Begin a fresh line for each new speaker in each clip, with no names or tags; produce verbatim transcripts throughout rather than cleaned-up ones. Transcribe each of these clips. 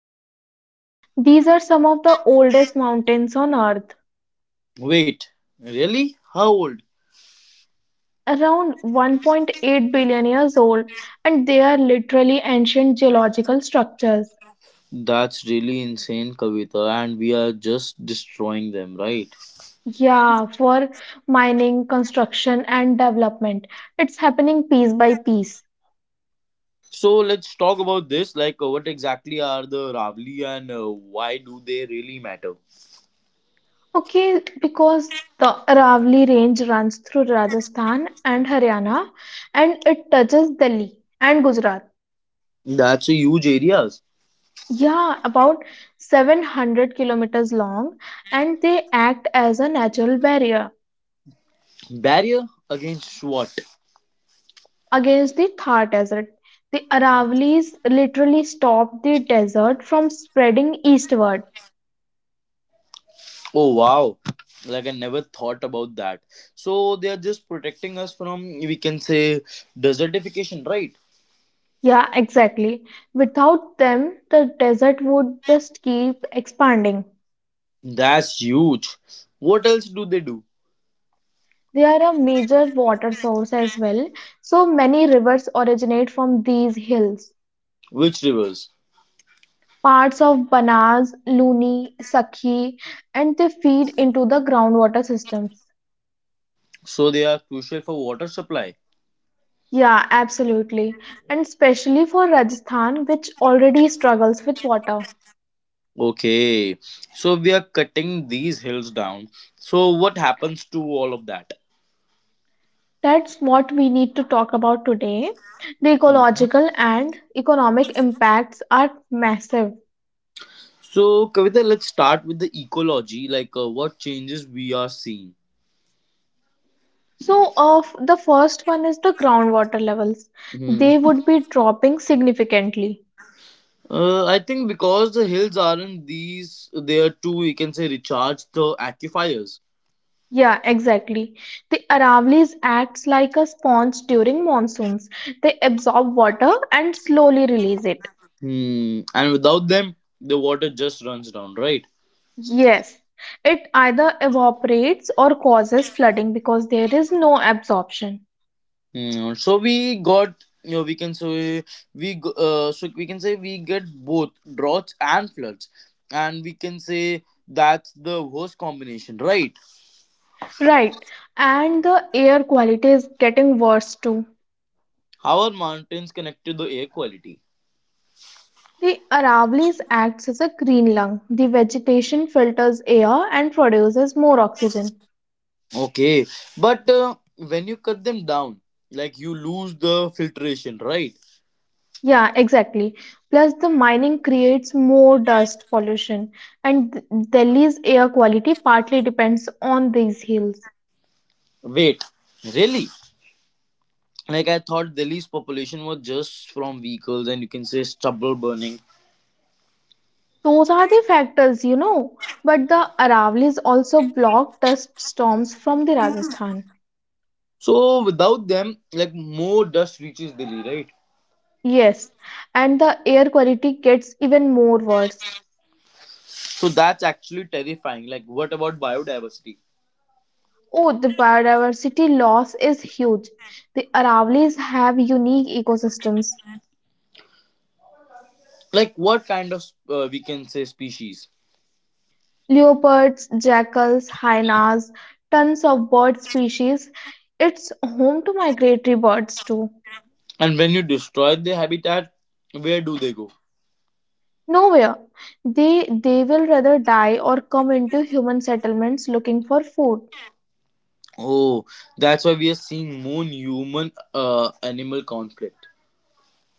understatement. These are some of the oldest mountains on Earth,
Wait, really? How old?
around one point eight billion years old, and they are literally ancient geological structures.
That's really insane, Kavita, and we are just destroying them, right?
Yeah, for mining, construction, and development. It's happening piece by piece.
So let's talk about this. Like, uh, what exactly are the Ravli and uh, why do they really matter?
Okay, because the Aravali range runs through Rajasthan and Haryana, and it touches Delhi and Gujarat.
That's a huge areas.
Yeah, about seven hundred kilometers long, and they act as a natural barrier
Barrier against what?
against the Thar Desert. The Aravallis literally stopped the desert from spreading eastward.
Oh wow! Like I never thought about that. So they are just protecting us from, we can say, desertification, right?
Yeah, exactly. Without them, the desert would just keep expanding.
That's huge. What else do they do?
They are a major water source as well, so many rivers originate from these hills.
Which rivers?
Parts of Banas, Luni, Sakhi, and they feed into the groundwater systems.
So they are crucial for water supply.
Yeah, absolutely. And especially for Rajasthan, which already struggles with water.
Okay, so we are cutting these hills down. So what happens to all of that?
That's what we need to talk about today. The ecological and economic impacts are massive.
So, Kavita, let's start with the ecology, like uh, what changes we are seeing.
So, of the first one is the groundwater levels.
hmm
They would be dropping significantly.
Uh, I think because the hills aren't these, they are too, you can say, recharge the aquifers.
Yeah, exactly. The Aravallis acts like a sponge during monsoons. They absorb water and slowly release it.
Hmm. And without them, the water just runs down, right?
Yes, it either evaporates or causes flooding because there is no absorption.
Hmm. So we got, you know, we can say we, go- uh, so we can say we get both droughts and floods, and we can say that's the worst combination, right?
Right, and the air quality is getting worse too.
How are mountains connected to the air quality?
The Aravallis acts as a green lung. The vegetation filters air and produces more oxygen.
Okay, but uh, when you cut them down, like you lose the filtration, right?
Yeah, exactly. Plus, the mining creates more dust pollution, and D- Delhi's air quality partly depends on these hills.
Wait, really? Like I thought Delhi's population was just from vehicles and, you can say, stubble burning.
Those are the factors, you know. But the Aravalis also block dust storms from the Rajasthan.
So without them, like more dust reaches Delhi, right?
Yes, and the air quality gets even more worse.
So that's actually terrifying. Like what about biodiversity?
Oh, the biodiversity loss is huge. The Aravalis have unique ecosystems.
Like what kind of uh, we can say species?
Leopards, jackals, hyenas, tons of bird species. It's home to migratory birds too.
And when you destroy the habitat, where do they go?
Nowhere. They they will rather die or come into human settlements looking for food.
Oh, that's why we are seeing more human uh, animal conflict.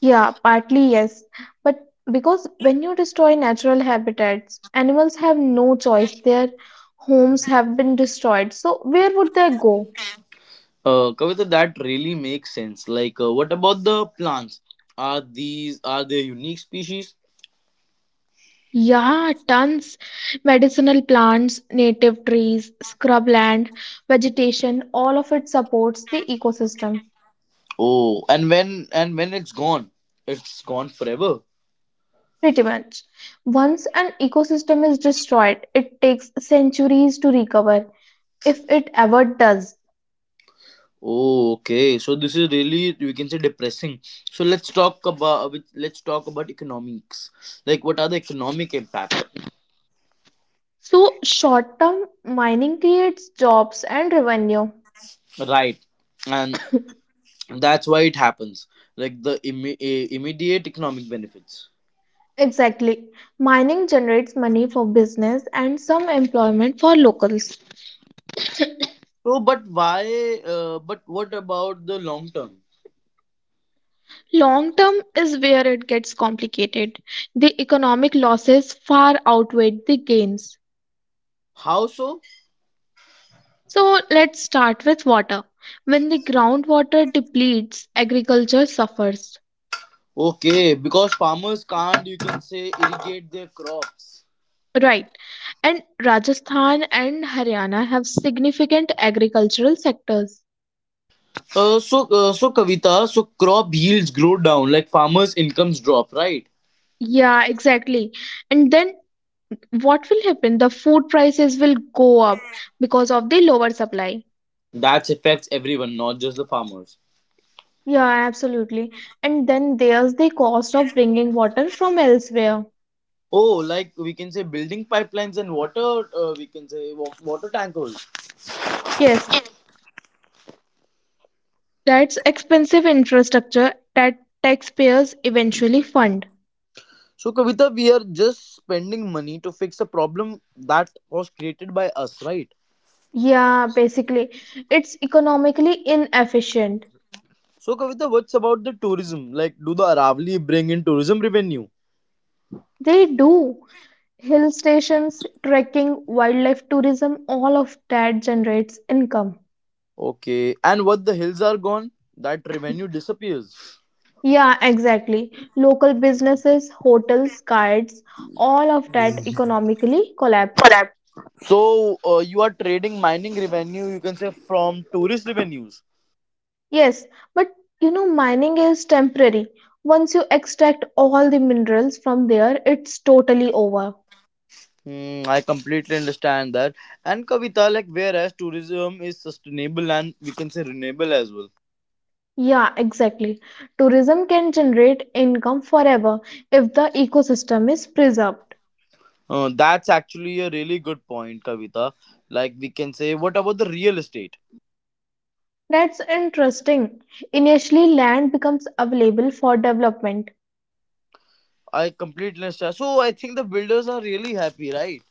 Yeah, partly yes. But because when you destroy natural habitats, animals have no choice. Their homes have been destroyed. So where would they go?
Uh, Kavita, that really makes sense. Like, uh, what about the plants? Are these, are they unique species?
Yeah, tons. Medicinal plants, native trees, scrubland, vegetation, all of it supports the ecosystem.
Oh, and when, and when it's gone, it's gone forever.
Pretty much. Once an ecosystem is destroyed, it takes centuries to recover, if it ever does.
Oh, okay. So this is really, we can say, depressing. So let's talk about, let's talk about economics. Like, what are the economic impact?
So, short term mining creates jobs and revenue.
Right, and that's why it happens. Like the imme- eh, immediate economic benefits.
Exactly. Mining generates money for business and some employment for locals.
So, but why? Uh, but what about the long term?
Long term is where it gets complicated. The economic losses far outweigh the gains.
How so?
So let's start with water. When the groundwater depletes, agriculture suffers.
Okay, because farmers can't, you can say, irrigate their crops.
Right. And Rajasthan and Haryana have significant agricultural sectors.
Uh, so, uh, so Kavita, so crop yields grow down, like farmers' incomes drop, right?
Yeah, exactly. And then what will happen? The food prices will go up because of the lower supply.
That affects everyone, not just the farmers.
Yeah, absolutely. And then there's the cost of bringing water from elsewhere.
Oh, like we can say building pipelines and water, uh, we can say wa- water tankers.
Yes, that's expensive infrastructure that taxpayers eventually fund.
So, Kavita, we are just spending money to fix a problem that was created by us, right?
Yeah, basically, it's economically inefficient.
So, Kavita, what's about the tourism? Like, do the Aravali bring in tourism revenue?
They do. Hill stations, trekking, wildlife tourism, all of that generates income.
Okay. And what the hills are gone, that revenue disappears.
Yeah, exactly. Local businesses, hotels, guides, all of that economically collapses.
So uh, you are trading mining revenue, you can say, from tourist revenues.
Yes, but you know, mining is temporary. Once you extract all the minerals from there, it's totally over.
Hmm, I completely understand that. And Kavita, like, whereas tourism is sustainable and, we can say, renewable as well.
Yeah, exactly. Tourism can generate income forever if the ecosystem is preserved.
Uh, that's actually a really good point, Kavita. Like, we can say, what about the real estate?
That's interesting. Initially, land becomes available for development.
I completely understand. So I think the builders are really happy, right?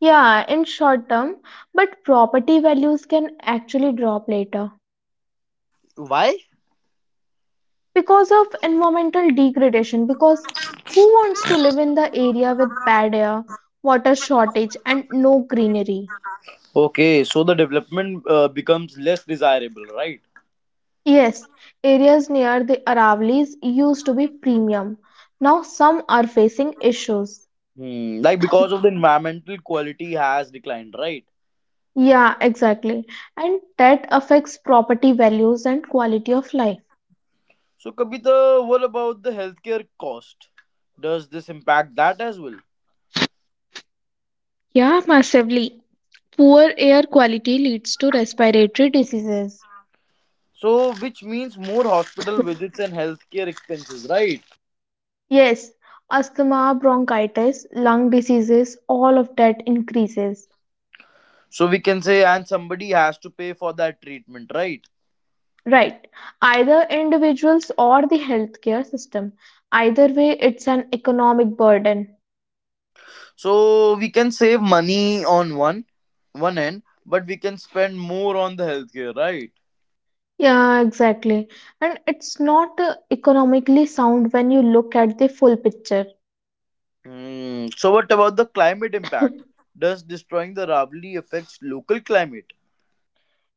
Yeah, in short term, but property values can actually drop later.
Why?
Because of environmental degradation, because who wants to live in the area with bad air, water shortage, and no greenery?
Okay, so the development uh, becomes less desirable, right?
Yes, areas near the Aravali's used to be premium, now some are facing issues.
Hmm, like because of the environmental quality has declined, right?
Yeah, exactly, and that affects property values and quality of life.
So Kavita, what about the healthcare cost? Does this impact that as well?
Yeah, massively. Poor air quality leads to respiratory diseases.
So which means more hospital visits and healthcare expenses, right?
Yes, asthma, bronchitis, lung diseases, all of that increases.
So we can say and somebody has to pay for that treatment, right?
Right. Either individuals or the healthcare system. Either way, it's an economic burden.
So we can save money on one one end, but we can spend more on the healthcare, right?
Yeah, exactly. And it's not uh, economically sound when you look at the full picture.
Hmm. So what about the climate impact? Does destroying the Ravli affects local climate?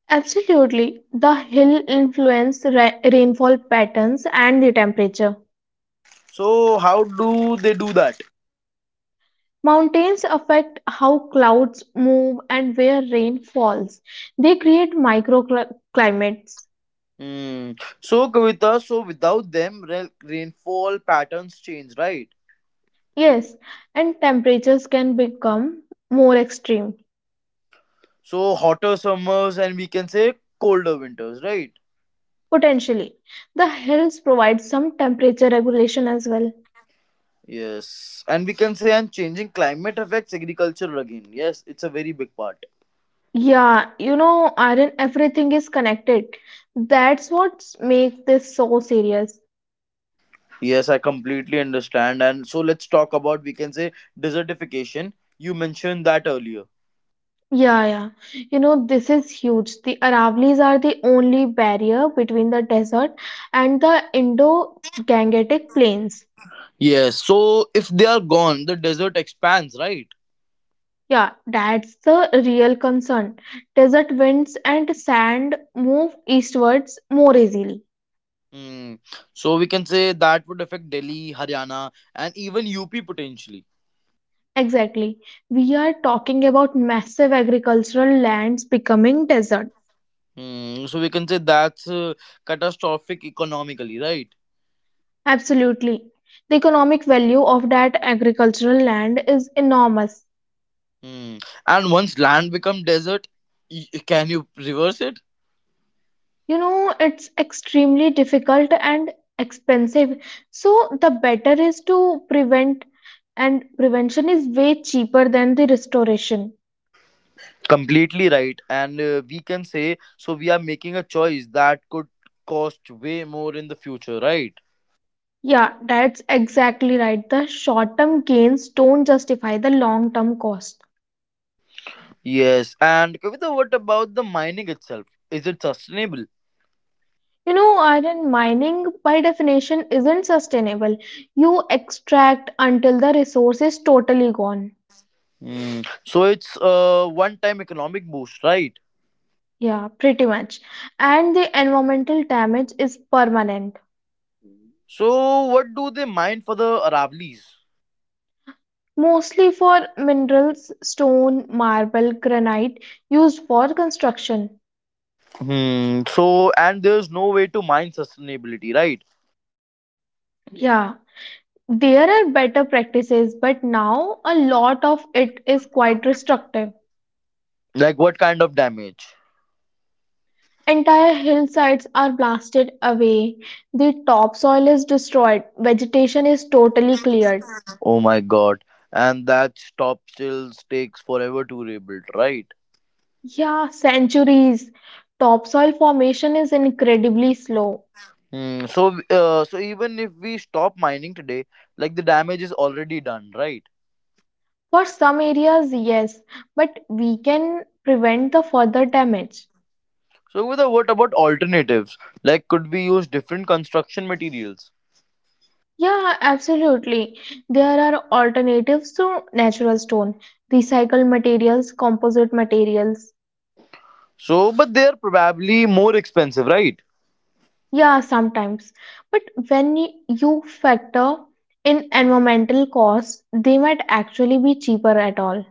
Absolutely. The hill influence ra rainfall patterns and the temperature.
So how do they do that?
Mountains affect how clouds move and where rain falls. They create microclimates.
Hmm. So Kavita, so without them, re- rainfall patterns change, right?
Yes, and temperatures can become more extreme,
So hotter summers and, we can say, colder winters, right?
potentially. The hills provide some temperature regulation as well.
Yes, and we can say and changing climate affects agriculture again. Yes, it's a very big part.
Yeah, you know, Aaron, everything is connected. That's what makes this so serious.
Yes, I completely understand. And so let's talk about, we can say, desertification. You mentioned that earlier.
Yeah, yeah. You know, this is huge. The Aravallis are the only barrier between the desert and the Indo-Gangetic plains.
Yes, so if they are gone, the desert expands, right?
Yeah, that's the real concern. Desert winds and sand move eastwards more easily.
Hmm. So we can say that would affect Delhi, Haryana, and even U P potentially.
Exactly. We are talking about massive agricultural lands becoming desert.
Hmm. So we can say that's uh, catastrophic economically, right?
Absolutely. The economic value of that agricultural land is enormous.
Hmm. And once land become desert, y- can you reverse it?
You know, it's extremely difficult and expensive. So the better is to prevent, and prevention is way cheaper than the restoration.
Completely right. And, uh, we can say, so we are making a choice that could cost way more in the future, right?
Yeah, that's exactly right. The short-term gains don't justify the long-term cost.
Yes. And Kavita, what about the mining itself? Is it sustainable?
You know, iron mining by definition isn't sustainable. You extract until the resource is totally gone.
Hmm. So it's a one-time economic boost, right?
Yeah, pretty much. And the environmental damage is permanent.
So, what do they mine for the Aravlis?
Mostly for minerals, stone, marble, granite, used for construction.
Hmm. So, and there's no way to mine sustainability, right?
Yeah, there are better practices, but now a lot of it is quite destructive.
Like, what kind of damage?
Entire hillsides are blasted away, the topsoil is destroyed, vegetation is totally cleared.
Oh my god. And that stop still takes forever to rebuild, right?
Yeah, centuries. Topsoil formation is incredibly slow.
Hmm. So, uh, so even if we stop mining today, like the damage is already done, right?
For some areas, yes, but we can prevent the further damage.
So, with what about alternatives? Like, could we use different construction materials?
Yeah, absolutely. There are alternatives to natural stone, recycled materials, composite materials.
So, but they are probably more expensive, right?
Yeah, sometimes. But when y- you factor in environmental costs, they might actually be cheaper at all.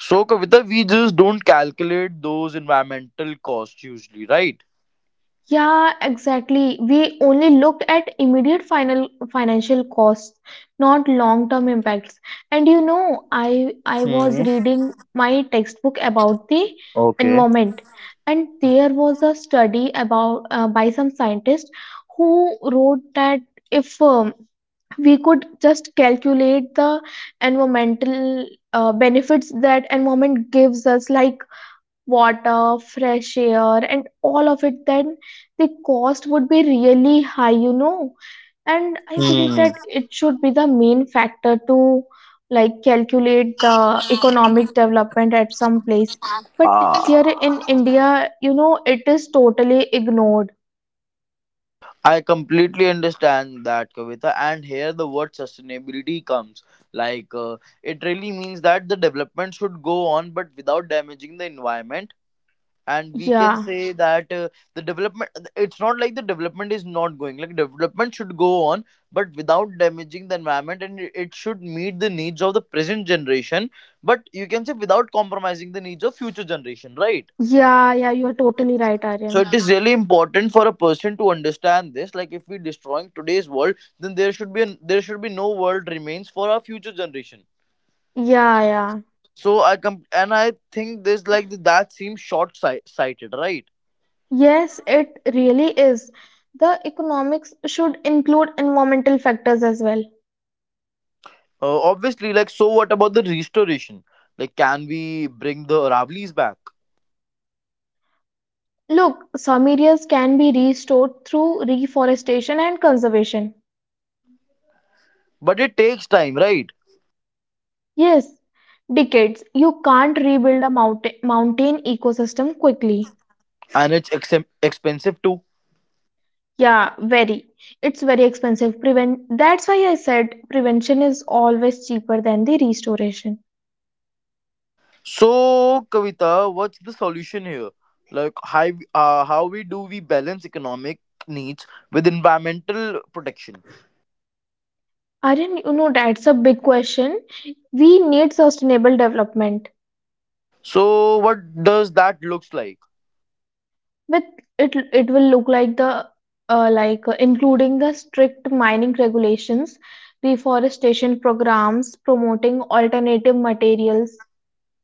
So, Kavita, we just don't calculate those environmental costs usually, right?
Yeah, exactly. We only looked at immediate final financial costs, not long-term impacts. And you know, I I was
Hmm.
reading my textbook about the
Okay.
environment, and there was a study about uh, by some scientist who wrote that if um, we could just calculate the environmental uh, benefits that environment gives us, like water, fresh air, and all of it, then the cost would be really high, you know. And I believe
Hmm.
that it should be the main factor to like calculate the economic development at some place. But here
Ah,
in India, you know, it is totally ignored.
I completely understand that, Kavita. And here the word sustainability comes. Like, uh, it really means that the development should go on, but without damaging the environment, and we can
Yeah.
say that uh, the development, it's not like the development is not going, like development should go on but without damaging the environment, and it it should meet the needs of the present generation but, you can say, without compromising the needs of future generation, right?
Yeah, yeah, you are totally right,
So
Aryan.
it is really important for a person to understand this, like if we destroying today's world, then there should be an, there should be no world remains for our future generation.
Yeah, yeah.
So i com- and i think this, like that seems short sighted, right?
Yes, it really is. The economics should include environmental factors as well.
Uh, obviously, like, so what about the restoration? Like, can we bring the Aravallis back?
Look, some areas can be restored through reforestation and conservation.
But it takes time, right?
Yes, decades. You can't rebuild a mountain, mountain ecosystem quickly.
And it's ex- expensive too.
Yeah, very. It's very expensive. Prevent. That's why I said prevention is always cheaper than the restoration.
So, Kavita, what's the solution here? Like, how, uh, how we do we balance economic needs with environmental protection?
Aryan, you know that's a big question. We need sustainable development.
So, what does that looks like?
With it it will look like the uh, like uh, including the strict mining regulations, reforestation programs, promoting alternative materials.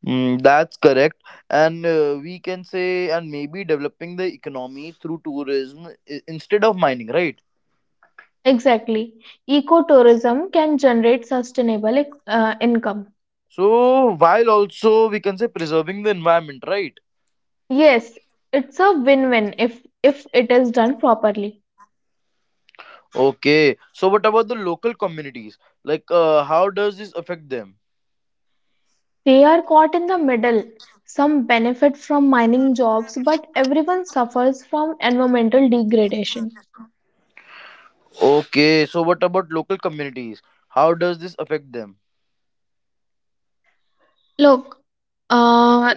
Mm, that's correct. And, uh, we can say, and maybe developing the economy through tourism i- instead of mining, right?
Exactly. Ecotourism can generate sustainable ec- uh, income.
So, while also, we can say, preserving the environment, right?
Yes, it's a win-win if if it is done properly.
Okay. So, what about the local communities? Like, uh, how does this affect them?
They are caught in the middle. Some benefit from mining jobs, but everyone suffers from environmental degradation.
Okay. So, what about local communities? How does this affect them?
Look, uh,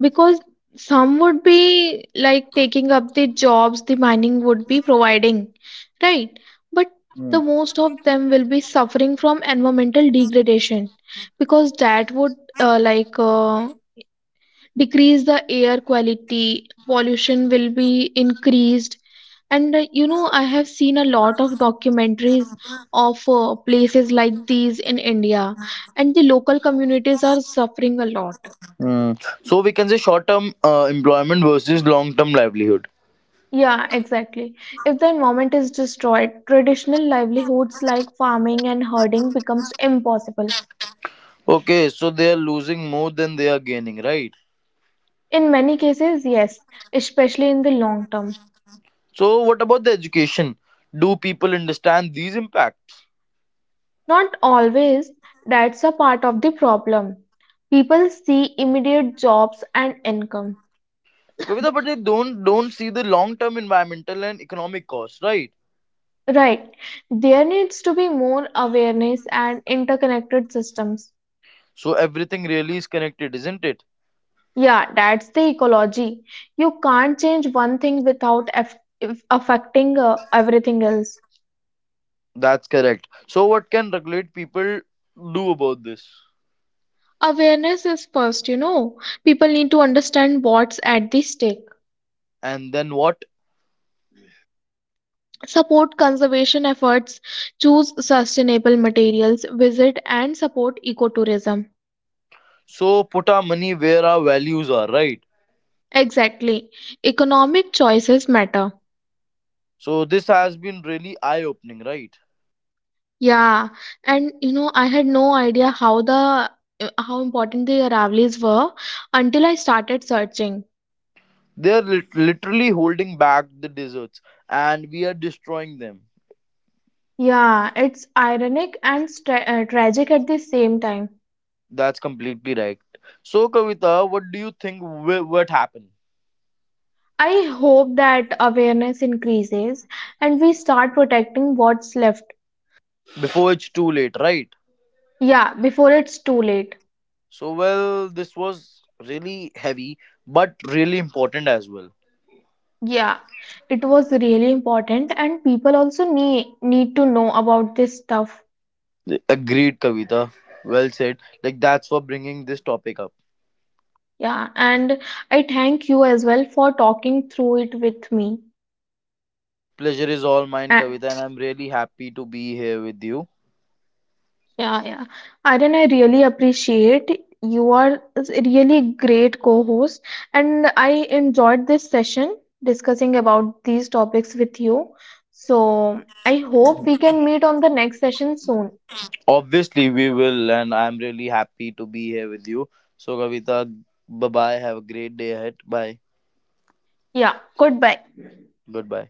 because some would be like taking up the jobs the mining would be providing, right? But
Hmm.
the most of them will be suffering from environmental degradation because that would uh, like uh, decrease the air quality, pollution will be increased. And uh, you know, I have seen a lot of documentaries of uh, places like these in India, and the local communities are suffering a lot.
Hmm. So, we can say short term uh, employment versus long term livelihood.
Yeah, exactly. If the environment is destroyed, traditional livelihoods like farming and herding becomes impossible.
Okay. So, they are losing more than they are gaining, right?
In many cases, yes, especially in the long term.
So, what about the education? Do people understand these impacts?
Not always, that's a part of the problem. People see immediate jobs and income.
Kavita, but they don't don't see the long term environmental and economic costs, right?
Right. There needs to be more awareness and interconnected systems.
So everything really is connected, isn't it?
Yeah, that's the ecology. You can't change one thing without aff- affecting uh, everything else.
That's correct. So what can regulate people do about this?
Awareness is first, you know. People need to understand what's at the stake.
And then what?
Support conservation efforts, choose sustainable materials, visit and support ecotourism.
So put our money where our values are, right?
Exactly. Economic choices matter.
So this has been really eye opening, right?
Yeah. And you know, I had no idea how the how important the Aravallis were until I started searching.
They are lit- literally holding back the deserts and we are destroying them.
Yeah, it's ironic and stra- uh, tragic at the same time.
That's completely right. So Kavita, what do you think wi- what happened
I hope that awareness increases and we start protecting what's left.
before it's too late, right?
Yeah, before it's too late.
So well, this was really heavy but really important as well.
Yeah, it was really important, and people also need need to know about this stuff.
Agreed, Kavita. Well said. Like that's for bringing this topic up.
Yeah, and I thank you as well for talking through it with me.
Pleasure is all mine,
A-
Kavita, and I'm really happy to be here with you.
Yeah, yeah. Aryan, I really appreciate you are a really great co-host, and I enjoyed this session discussing about these topics with you. So I hope we can meet on the next session soon.
Obviously, we will, and I'm really happy to be here with you. So, Kavita, bye bye. Have a great day ahead. Bye.
Yeah, goodbye.
Goodbye.